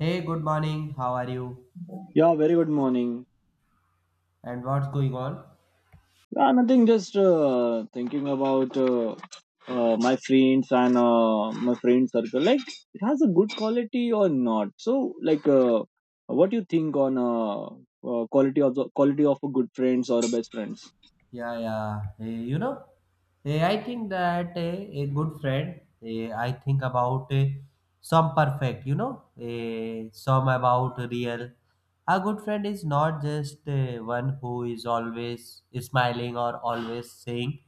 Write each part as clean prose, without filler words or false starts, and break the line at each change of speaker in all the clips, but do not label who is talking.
Hey, good morning. How are you?
Yeah, very good morning.
And what's going on?
Yeah, nothing, just thinking about my friends and my friend circle. Like, it has a good quality or not? So, like, what do you think on quality of a good friends or a best friends?
Yeah, yeah. Hey, you know, hey, I think that a good friend, I think about some perfect, you know, some about real. A good friend is not just one who is always smiling or always saying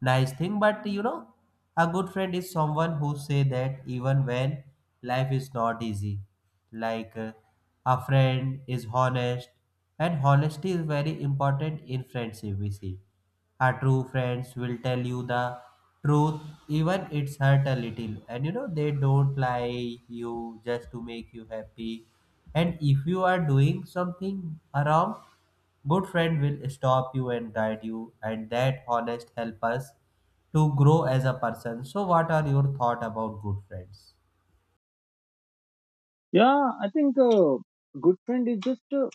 nice thing, but you know, a good friend is someone who say that even when life is not easy. Like a friend is honest. And honesty is very important in friendship, we see. Our true friends will tell you the truth, even it's hurt a little. And you know, they don't lie you just to make you happy. And if you are doing something wrong, good friend will stop you and guide you. And that honest help us to grow as a person. So what are your thought about good friends?
Yeah, I think good friend is just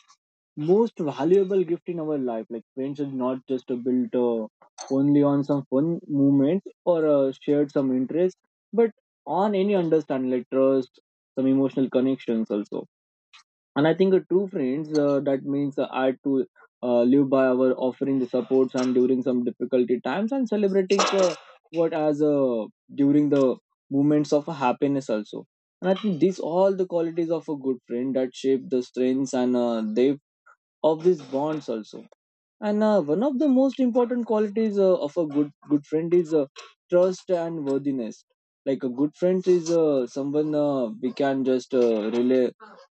most valuable gift in our life. Like friends is not just built only on some fun moments or shared some interest, but on any understanding, like trust, some emotional connections also. And I think true friends that means are to live by our offering the supports and during some difficulty times and celebrating what as during the moments of happiness also. And I think these all the qualities of a good friend that shape the strengths and depth of these bonds also, and one of the most important qualities of a good friend is trust and worthiness. Like a good friend is someone we can just relay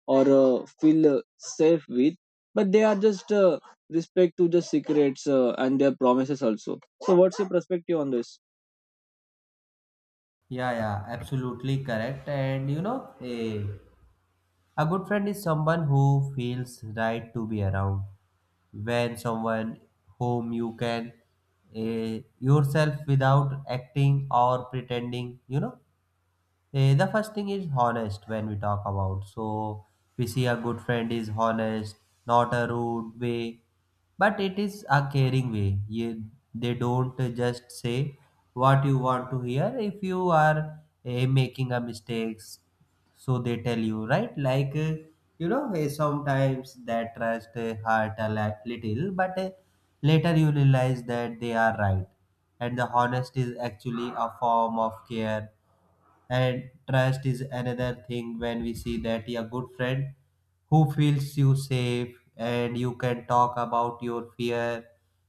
or feel safe with, but they are just respect to the secrets and their promises also. So what's your perspective on this?
Yeah, yeah, absolutely correct. And you know, a good friend is someone who feels right to be around. When someone whom you can yourself without acting or pretending, you know. Eh, the first thing is honest when we talk about. So we see a good friend is honest, not a rude way, but it is a caring way. You, they don't just say what you want to hear. If you are making a mistakes, so they tell you right. Like you know, sometimes that trust hurt a little, but later you realize that they are right, and the honest is actually a form of care and trust is another thing when we see that a good friend who feels you safe and you can talk about your fear,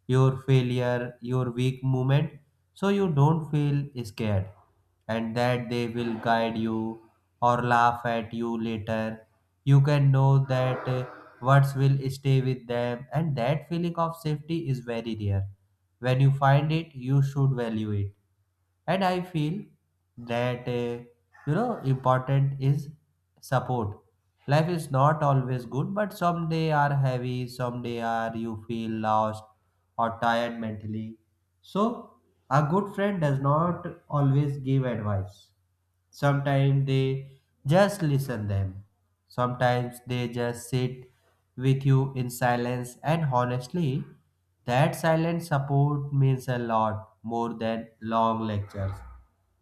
your failure, your weak moment so you don't feel scared and that they will guide you or laugh at you later. You can know that words will stay with them and that feeling of safety is very rare. When you find it, you should value it and I feel that you know important is support. Life is not always good but some day are heavy some day are you feel lost or tired mentally so a good friend does not always give advice. Sometimes they just listen them, sometimes they just sit with you in silence and honestly that silent support means a lot more than long lectures.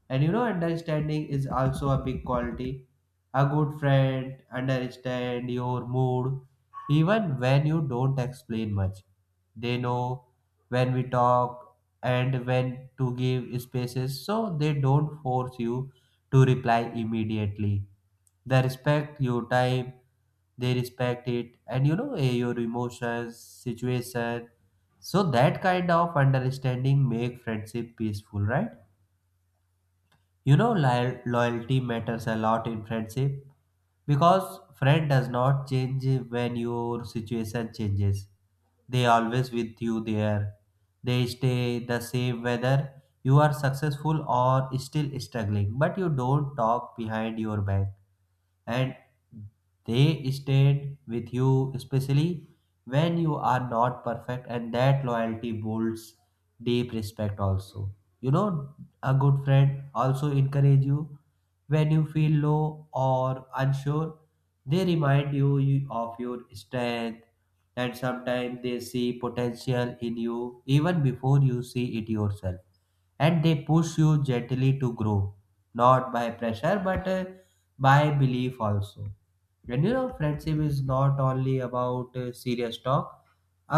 And you know understanding is also a big quality. A good friend understand your mood even when you don't explain much. They know when we talk and when to give spaces so they don't force you to reply immediately. They respect your time, they respect it, and you know, your emotions, situation. So that kind of understanding make friendship peaceful, right? You know, loyalty matters a lot in friendship because friend does not change when your situation changes. They always with you there. They stay the same whether you are successful or still struggling, but you don't talk behind your back and they stayed with you, especially when you are not perfect, and that loyalty builds deep respect also. You know, a good friend also encourage you when you feel low or unsure. They remind you of your strength, and sometimes they see potential in you even before you see it yourself. And they push you gently to grow, not by pressure but by belief also. And you know friendship is not only about serious talk.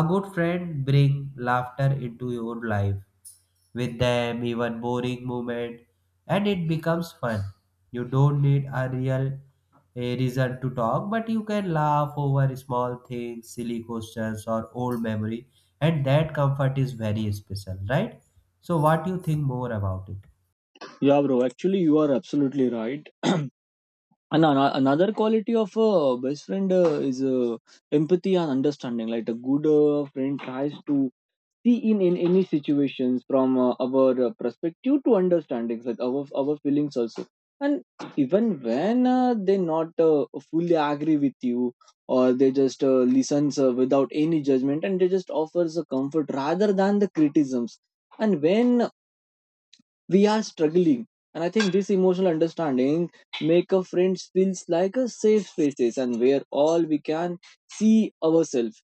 A good friend bring laughter into your life. With them even boring moment and it becomes fun. You don't need a reason to talk but you can laugh over small things silly questions or old memory and that comfort is very special, right? So what do you think more about it?
Yeah, bro. Actually, you are absolutely right. And another quality of a best friend is empathy and understanding. Like a good friend tries to see in any situations from our perspective to understanding like our feelings also. And even when they not fully agree with you, or they just listens without any judgment, and they just offers a comfort rather than the criticisms. And when we are struggling, and I think this emotional understanding make a friend feels like a safe spaces, and where all we can see ourselves.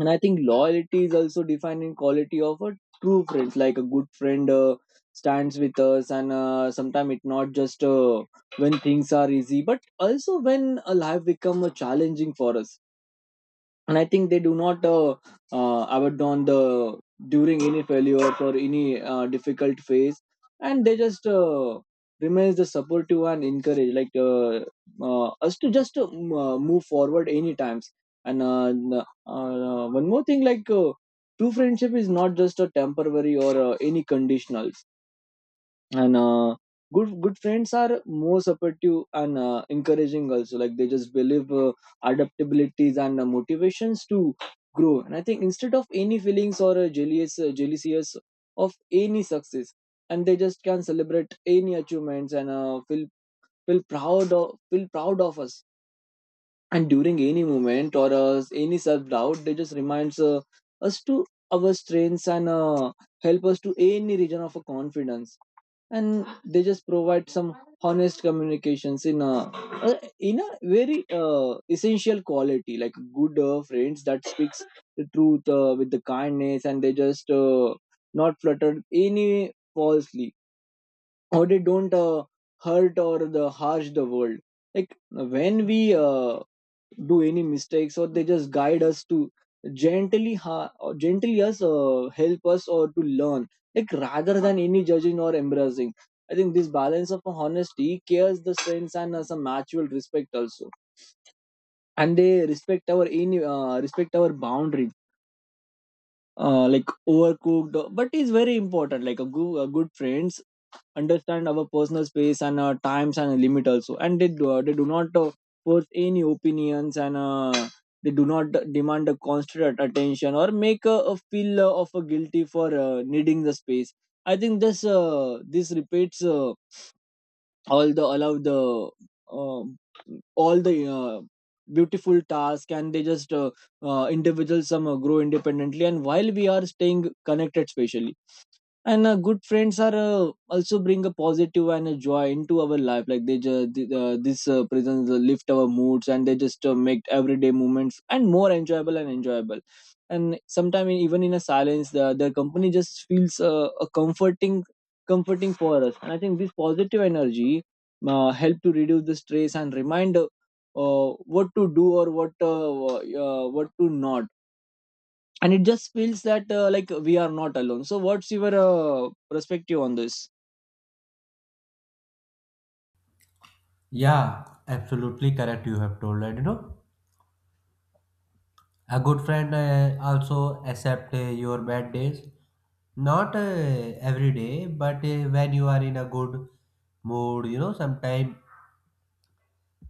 And I think loyalty is also defined in quality of a true friend. Like a good friend stands with us, and sometimes it's not just when things are easy but also when a life become a challenging for us. And I think they do not abandon the during any failures or any difficult phase, and they just remains the supportive and encourage like us to just move forward any times. And one more thing, like true friendship is not just a temporary or any conditionals. And good friends are more supportive and encouraging also. Like they just believe adaptabilities and motivations to grow. And I think instead of any feelings or jealousies of any success. And they just can celebrate any achievements and feel proud of us. And during any moment or any self doubt, they just reminds us to our strengths and help us to any region of a confidence. And they just provide some honest communications in a very essential quality. Like good friends that speaks the truth with the kindness, and they just not flutter any falsely, or they don't hurt or the harsh the world. Like when we do any mistakes, or they just guide us to gently us help us or to learn, like rather than any judging or embracing. I think this balance of honesty cares the strengths and some mutual respect also. And they respect our any respect our boundaries, like overcooked, but it's very important. Like a good friend understand our personal space and times and limit also. And they do not force any opinions. And they do not demand a constant attention, or make a feel of a guilty for needing the space. I think this repeats all the allow the uh, all the beautiful task, and they just individuals some grow independently, and while we are staying connected spatially. And good friends are also bring a positive and a joy into our life. Like they just this presence lift our moods, and they just make everyday moments and more enjoyable. And sometimes even in a silence, their company just feels a comforting for us. And I think this positive energy help to reduce the stress and remind what to do or what to not. And it just feels that like we are not alone. So what's your perspective on this?
Yeah, absolutely correct, you have told. And you know, a good friend also accept your bad days. Not every day, but when you are in a good mood, you know, sometimes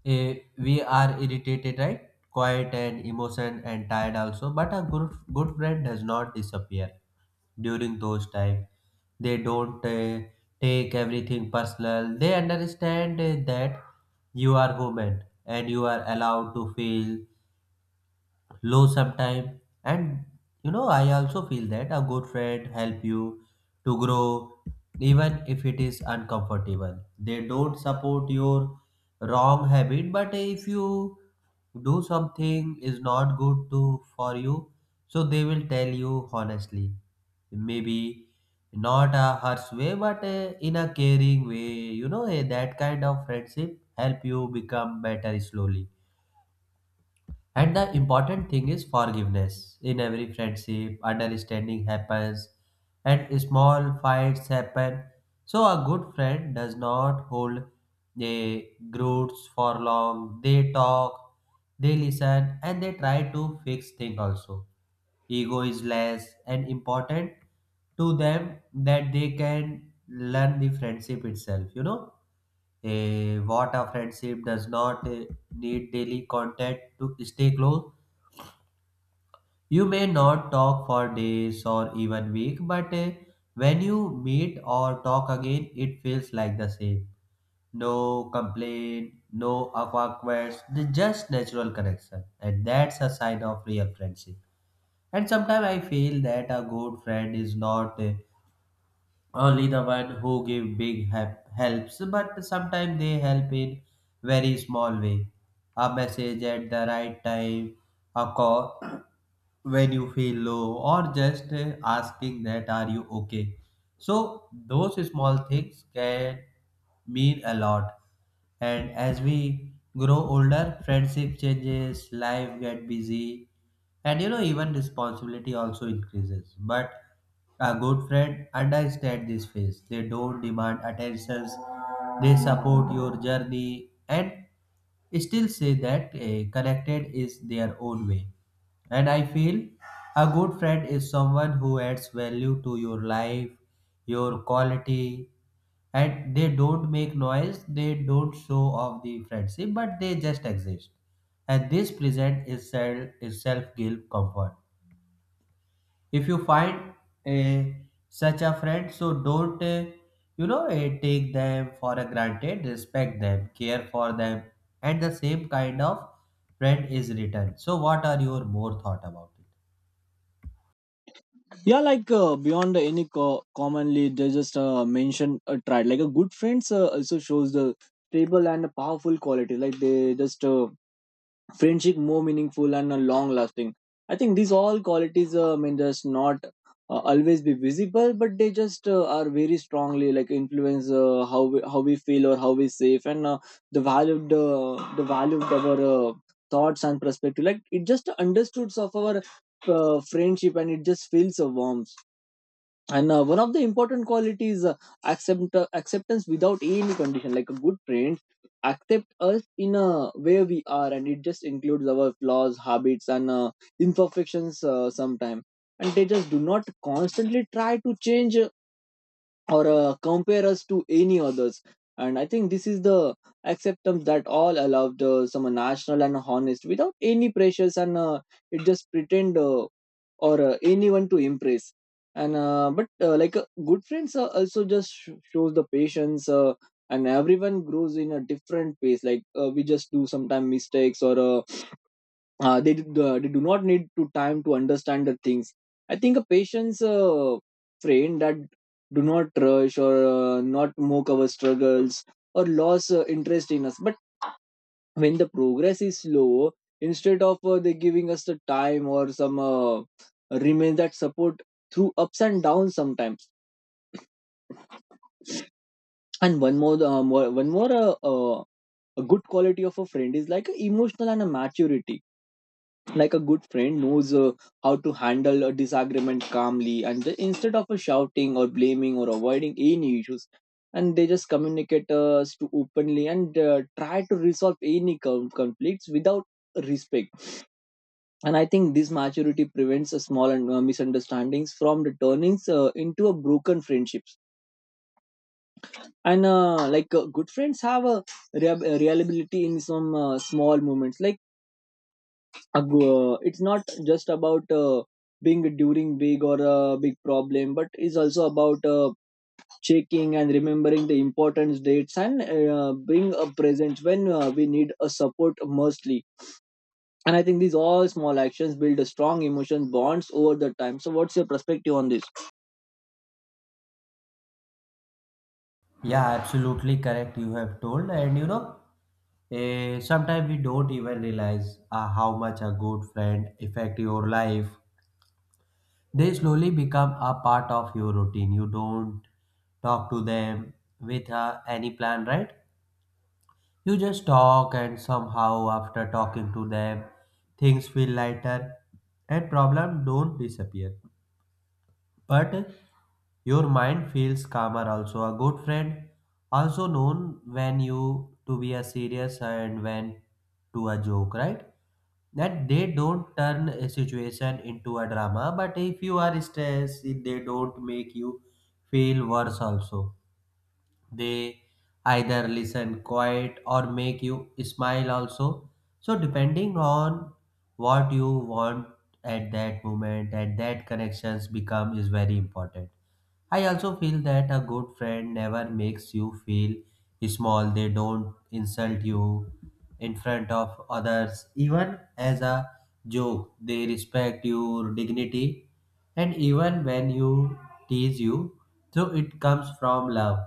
we are irritated, right? Quiet and emotion and tired also. But a good friend does not disappear during those times. They don't take everything personal. They understand that you are human and you are allowed to feel low sometime. And you know I also feel that a good friend help you to grow even if it is uncomfortable. They don't support your wrong habit but if you do something is not good to for you so they will tell you honestly, maybe not a harsh way but in a caring way. You know that kind of friendship help you become better slowly. And the important thing is forgiveness. In every friendship, understanding happens and small fights happen. So, a good friend does not hold a grudge for long. They talk, they listen, and they try to fix things also. Ego is less and important to them that they can learn the friendship itself, you know. Eh, what a friendship does not need daily contact to stay close. You may not talk for days or even week, but when you meet or talk again, it feels like the same. No complaint, no awkwardness, the just natural connection, and that's a sign of real friendship. And sometimes I feel that a good friend is not only the one who give big helps, but sometimes they help in very small way. A message at the right time, a call when you feel low or just asking that are you okay. So those small things can mean a lot. And as we grow older friendship changes. Life get busy and you know even responsibility also increases but a good friend understand this phase. They don't demand attentions, they support your journey and still say that connected is their own way. And I feel a good friend is someone who adds value to your life, your quality, and they don't make noise, they don't show off the friendship, but they just exist. And this present is self give comfort. If you find a such a friend, so don't you know take them for a granted. Respect them, care for them, and the same kind of friend is returned. So, what are your more thought about it?
Yeah, like beyond any commonly, they just mention a triad. Like a good friends also shows the stable and powerful quality. Like they just friendship more meaningful and long lasting. I think these all qualities may just not always be visible, but they just are very strongly like influence how we feel or how we safe, and the valued uh, the value of our thoughts and perspective. Like it just understoods of our friendship, and it just feels a warmth. And one of the important qualities acceptance without any condition. Like a good friend accept us in a way we are, and it just includes our flaws habits and imperfections sometimes. And they just do not constantly try to change, or compare us to any others. And I think this is the acceptance that all allowed some national and honest without any pressures. And it just pretend or anyone to impress. And but like good friends also just shows the patience, and everyone grows in a different pace. Like we just do sometimes mistakes, or they do not need to time to understand the things. I think a patient's friend that do not rush, or not mock our struggles, or lose interest in us. But when the progress is slow, instead of they giving us the time or some remain that support through ups and downs sometimes. And one more a good quality of a friend is like emotional and a maturity. Like a good friend knows how to handle a disagreement calmly, and instead of shouting or blaming or avoiding any issues. And they just communicate us to openly, and try to resolve any conflicts without respect. And I think this maturity prevents a small and misunderstandings from the turnings into a broken friendships. And like good friends have a reliability in some small moments. Like it's not just about being during big or a big problem, but is also about checking and remembering the important dates, and being a present when we need a support mostly. And I think these all small actions build a strong emotion bonds over the time. So what's your perspective on this?
Yeah, absolutely correct. You have told, and you know, sometimes we don't even realize how much a good friend affect your life. They slowly become a part of your routine. You don't talk to them with any plan, right? You just talk, and somehow after talking to them, things feel lighter and problem don't disappear. But your mind feels calmer also. A good friend also known when you to be a serious and when to a joke, right? That they don't turn a situation into a drama, but if you are stressed, they don't make you feel worse also. They either listen quiet or make you smile also. So depending on what you want at that moment at that connections become is very important. I also feel that a good friend never makes you feel small. They don't insult you in front of others, even as a joke. They respect your dignity, and even when you tease you, so it comes from love,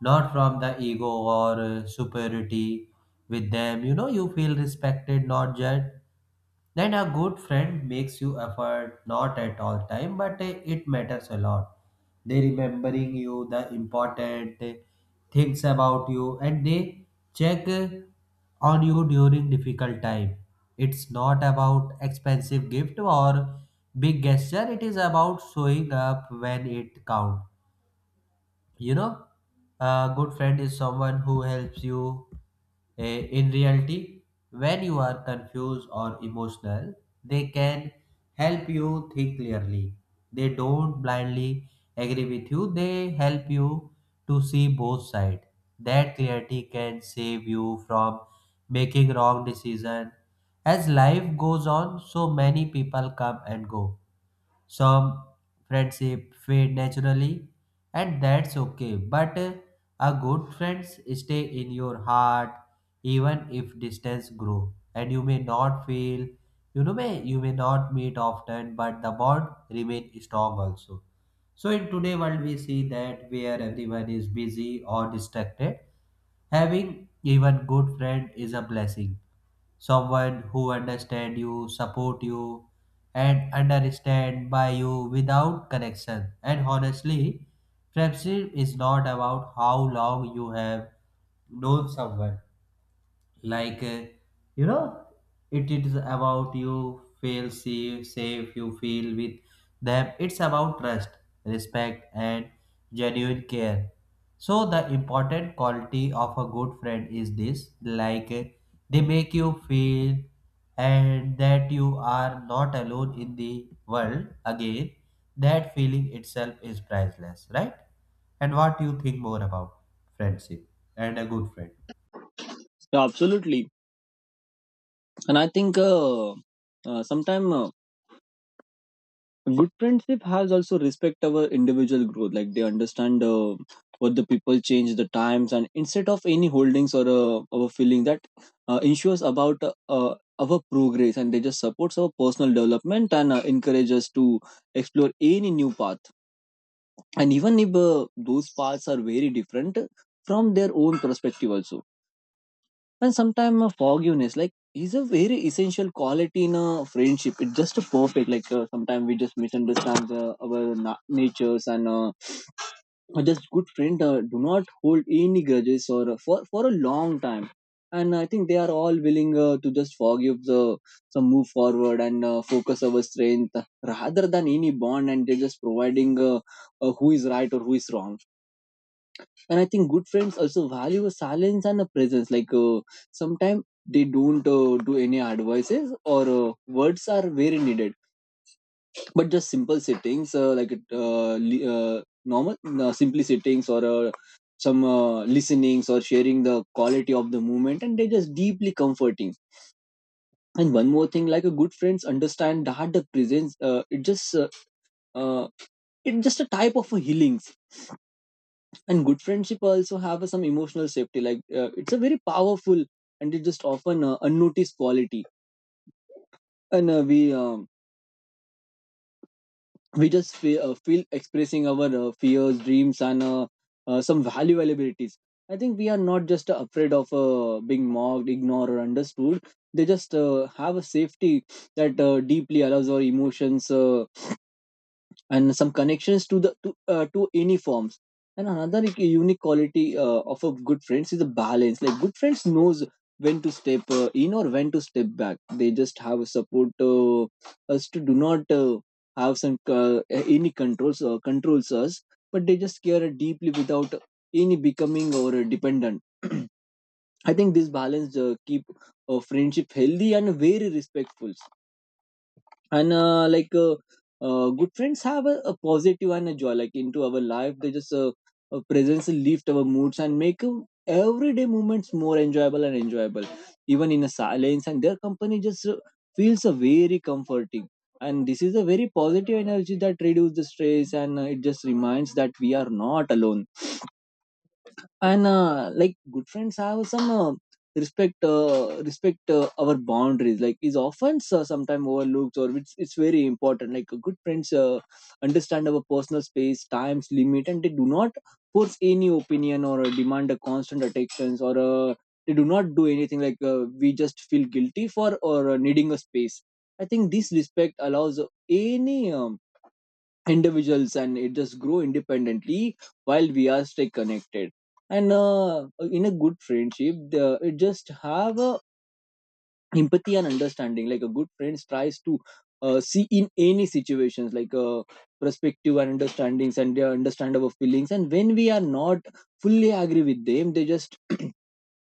not from the ego or superiority with them. You know, you feel respected, not judged. Then a good friend makes you effort not at all time, but it matters a lot. They remembering you the important things about you, and they check on you during difficult time. It's not about expensive gift or big gesture. It is about showing up when it counts. You know, a good friend is someone who helps you in reality when you are confused or emotional. They can help you think clearly. They don't blindly agree with you. They help you to see both sides. That clarity can save you from making wrong decision. As life goes on, so many people come and go. Some friendship fade naturally, and that's okay. But a good friends stay in your heart even if distance grow. And you may not feel, you know, may you may not meet often, but the bond remain strong also. So in today world we see that where everyone is busy or distracted, having even good friend is a blessing, someone who understand you, support you, and understand by you without connection. And honestly, friendship is not about how long you have known someone, like you know it is about you feel safe, you feel with them. It's about trust, respect and genuine care. So the important quality of a good friend is this, like they make you feel and that you are not alone in the world again. That feeling itself is priceless, right? And what do you think more about friendship and a good friend?
Yeah, absolutely. And I think sometime good friendship has also respect our individual growth. Like they understand what the people change the times, and instead of any holdings or our feeling that ensures about our progress. And they just supports our personal development, and encourage us to explore any new path. And even if those paths are very different from their own perspective also. And sometimes forgiveness like is a very essential quality in a friendship. It's just a perfect. Like sometimes we just misunderstand our natures. And a just good friend do not hold any grudges or for a long time. And I think they are all willing to just forgive the some move forward, and focus our strength rather than any bond. And they're just providing who is right or who is wrong. And I think good friends also value a silence and a presence. Like sometimes they don't do any advices or words are very needed, but just simple settings like normal simply settings or some listenings or sharing the quality of the moment, and they just deeply comforting. And one more thing, like a good friends understand that the presence, uh, it's just a type of a healing. And good friendship also have a, some emotional safety, like it's a very powerful and it just often unnoticed quality. And We just feel expressing our fears, dreams, and some value abilities. I think we are not just afraid of being mocked, ignored, or understood. They just have a safety that deeply allows our emotions and some connections to the to any forms. And another unique quality of a good friends is the balance. Like good friends knows when to step in or when to step back. They just have a support us to do not have some any controls us, but they just care deeply without any becoming or dependent. I think this balance keep friendship healthy and very respectful. And good friends have a positive and a joy like into our life. They just presence lift our moods and make everyday moments more enjoyable and enjoyable. Even in a silence, and their company just feels very comforting. And this is a very positive energy that reduces the stress, and it just reminds that we are not alone. And like good friends have some respect our boundaries, like is often sometimes overlooked, or it's very important. Like good friends understand our personal space, times, limit, and they do not force any opinion or demand a constant attention or they do not do anything like we just feel guilty for or needing a space. I think this respect allows any individuals, and it just grow independently while we are stay connected. And in a good friendship, the, it just have a empathy and understanding. Like a good friend tries to see in any situations, like perspective and understandings and they their understandable feelings, and when we are not fully agree with them, they just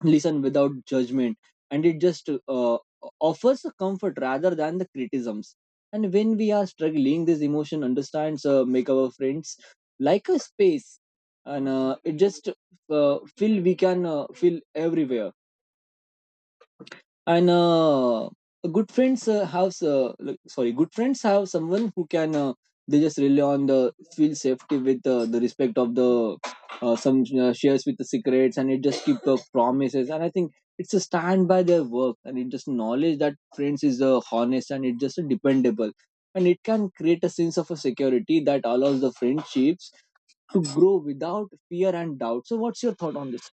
listen without judgment. And it just offers a comfort rather than the criticisms. And when we are struggling, this emotion understands make our friends like a space. And it just feel we can feel everywhere. And good friends sorry, good friends have someone who can they just rely on the feel safety with the respect of the some shares with the secrets, and it just keep the promises. And I think it's a stand by their work, and it just knowledge that friends is honest and it just dependable. And it can create a sense of a security that allows the friendships to grow without fear and doubt. So what's your thought on this?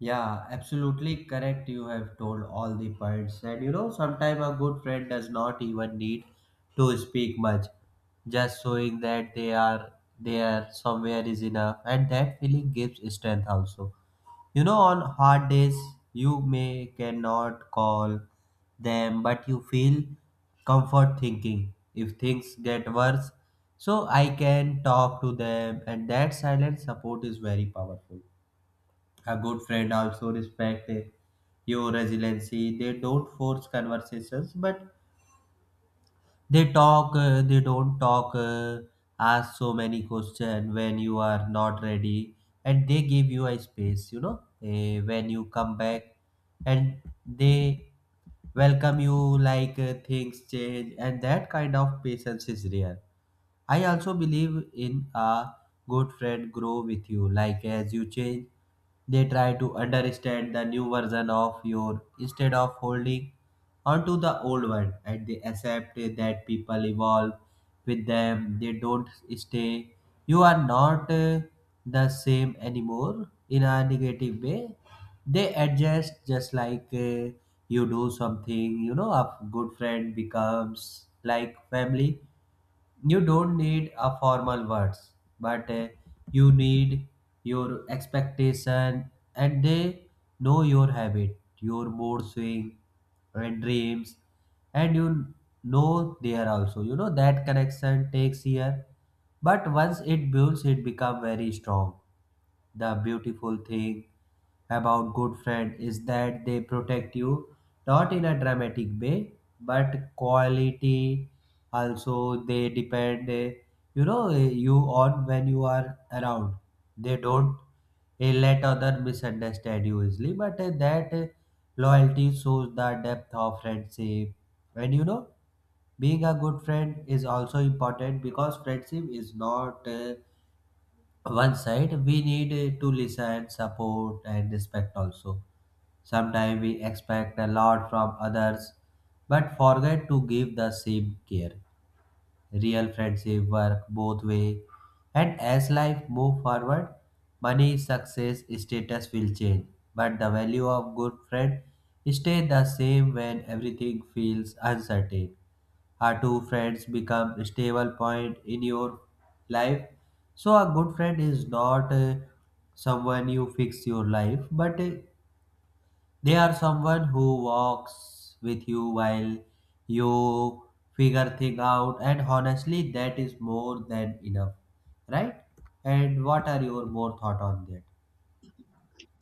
Yeah, absolutely correct. You have told all the points. And you know, sometimes a good friend does not even need to speak much. Just showing that they are there somewhere is enough. And that feeling gives strength also. You know, on hard days, you may cannot call them, but you feel comfort thinking if things get worse. So I can talk to them, and that silent support is very powerful. A good friend also respect your resiliency. They don't force conversations, but they don't talk, ask so many questions when you are not ready, and they give you a space. You know, when you come back, and they welcome you like things change, and that kind of patience is rare. I also believe in a good friend grow with you. Like as you change, they try to understand the new version of your instead of holding onto the old one, and they accept that people evolve with them. They don't stay. You are not the same anymore in a negative way. They adjust just like you do something. You know, a good friend becomes like family. You don't need a formal words, but you need your expectation, and they know your habit, your mood swing, and dreams. And you know, there also, you know, that connection takes year, but once it builds, it become very strong. The beautiful thing about good friend is that they protect you, not in a dramatic way, but quality. Also they depend, you know, you, on when you are around. They don't let other misunderstand you easily, but that loyalty shows the depth of friendship. And you know, being a good friend is also important because friendship is not one side. We need to listen, support, and respect also. Sometimes we expect a lot from others but forget to give the same care. Real friendship work both way. And as life move forward, money, success, status will change, but the value of good friend stay the same. When everything feels uncertain, our two friends become stable point in your life. So a good friend is not someone you fix your life, but they are someone who walks with you while you figure things out. And honestly, that is more than enough, right? And what are your more thought on that?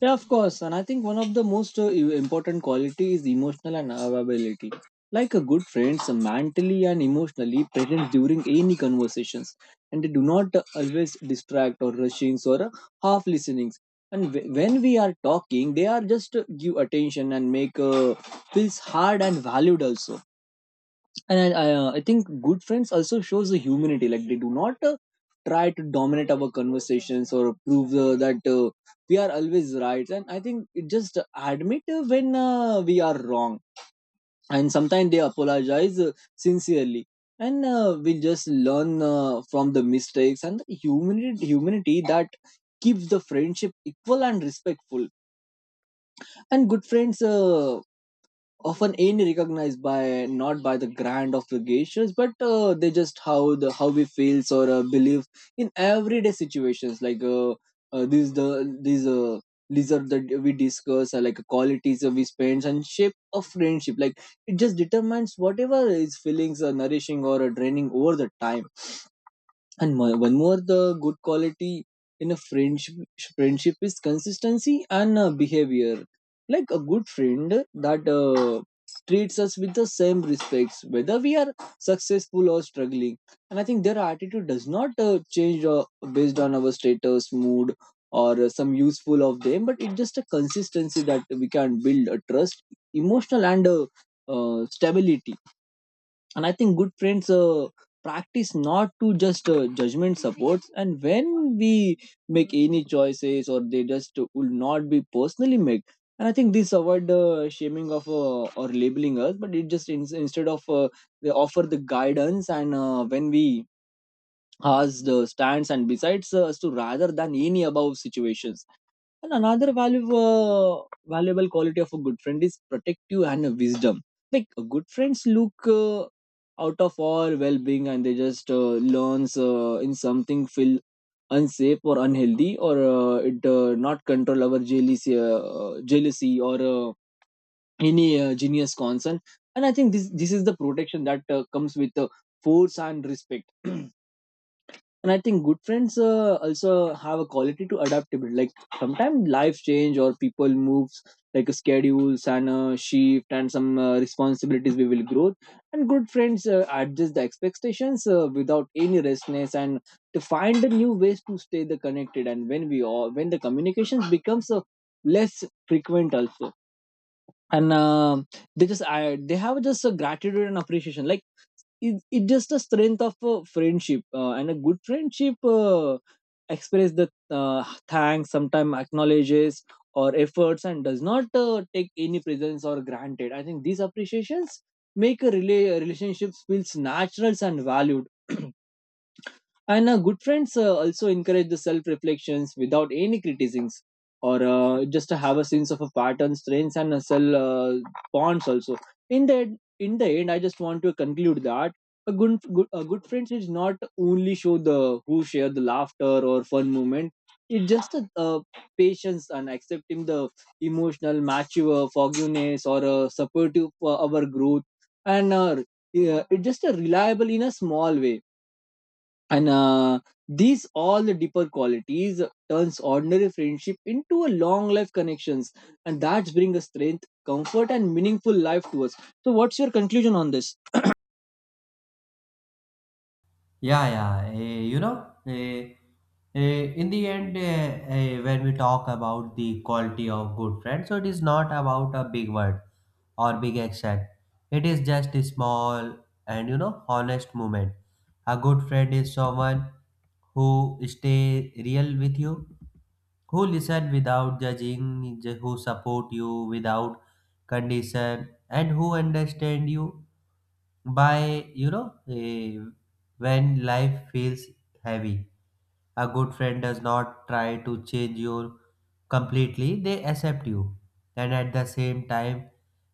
Yeah, of course. And I think one of the most important quality is emotional and availability. Like a good friends, mentally and emotionally present during any conversations, and they do not always distract or rushings or half listenings. And when we are talking, they are just give attention and make feels hard and valued also. And I think good friends also shows the humanity. Like they do not try to dominate our conversations or prove that we are always right. And I think it just admit when we are wrong. And sometimes they apologize sincerely. And we just learn from the mistakes and the humanity that keeps the friendship equal and respectful. And good friends often unrecognized by not by the grand of the gestures, but they just how the how we feels or believe in everyday situations, like these the these uh, these are that we discuss are like qualities that we spend and shape of friendship. Like it just determines whatever is feelings are nourishing or draining over the time. And one more, the good quality in a friendship is consistency and behavior. Like a good friend that treats us with the same respects, whether we are successful or struggling. And I think their attitude does not change based on our status, mood, or some useful of them, but it's just a consistency that we can build a trust, emotional and stability. And I think good friends practice not to just judgment supports, and when we make any choices or they just will not be personally made. And I think this avoid the shaming of or labeling us, but it just instead of they offer the guidance. And when we has the stands and besides us to rather than any above situations. And another valuable quality of a good friend is protective and wisdom. Like good friends look out of all well-being, and they just learns in something feel unsafe or unhealthy, or it not control our jealousy or any genius concern. And I think this is the protection that comes with force and respect. And I think good friends also have a quality to adaptability. Like sometimes life change or people moves, like schedules and shift and some responsibilities we will grow. And good friends adjust the expectations without any restlessness and to find the new ways to stay the connected, and when we all when the communications becomes less frequent also. And they just they have just a gratitude and appreciation, like it just a strength of a friendship, and a good friendship express the thanks, sometimes acknowledges or efforts, and does not take any presence or granted. I think these appreciations make a relationships feels natural and valued. And good friends also encourage the self reflections without any criticisms or just have a sense of a pattern, strengths, and a self bonds also. In the end, I just want to conclude that a a good friends is not only show the who share the laughter or fun moment. It's just a, patience and accepting the emotional mature forgiveness or supportive for our growth. And yeah, it's just a reliable in a small way. And these all the deeper qualities turns ordinary friendship into a long life connections, and that's bring a strength, comfort, and meaningful life to us. So what's your conclusion on this?
Yeah, yeah. You know, in the end, when we talk about the quality of good friends, so it is not about a big word or big action. It is just a small and you know honest moment. A good friend is someone who stay real with you, who listen without judging, who support you without condition, and who understand you by you know when life feels heavy. A good friend does not try to change you completely. They accept you, and at the same time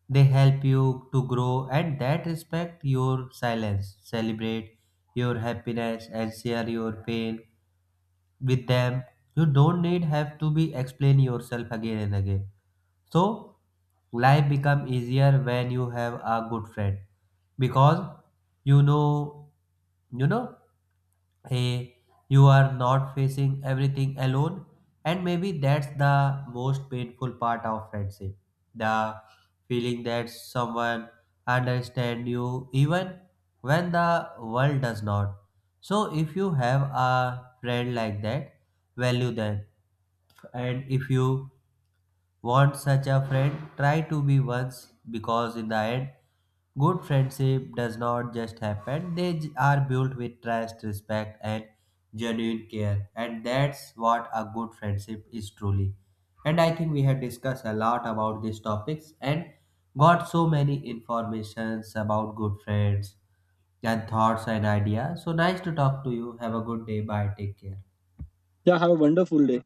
they help you to grow, and that respect your silence, celebrate your happiness, and share your pain with them. You don't need have to be explain yourself again and again. So life become easier when you have a good friend because, you know, you know hey, you are not facing everything alone. And maybe that's the most painful part of friendship, the feeling that someone understand you even when the world does not. So if you have a friend like that, value them. And if you want such a friend, try to be once because, in the end, good friendship does not just happen. They are built with trust, respect, and genuine care. And that's what a good friendship is truly. And I think we have discussed a lot about these topics and got so many informations about good friends and thoughts and ideas. So nice to talk to you. Have a good day. Bye. Take care.
Yeah, have a wonderful day.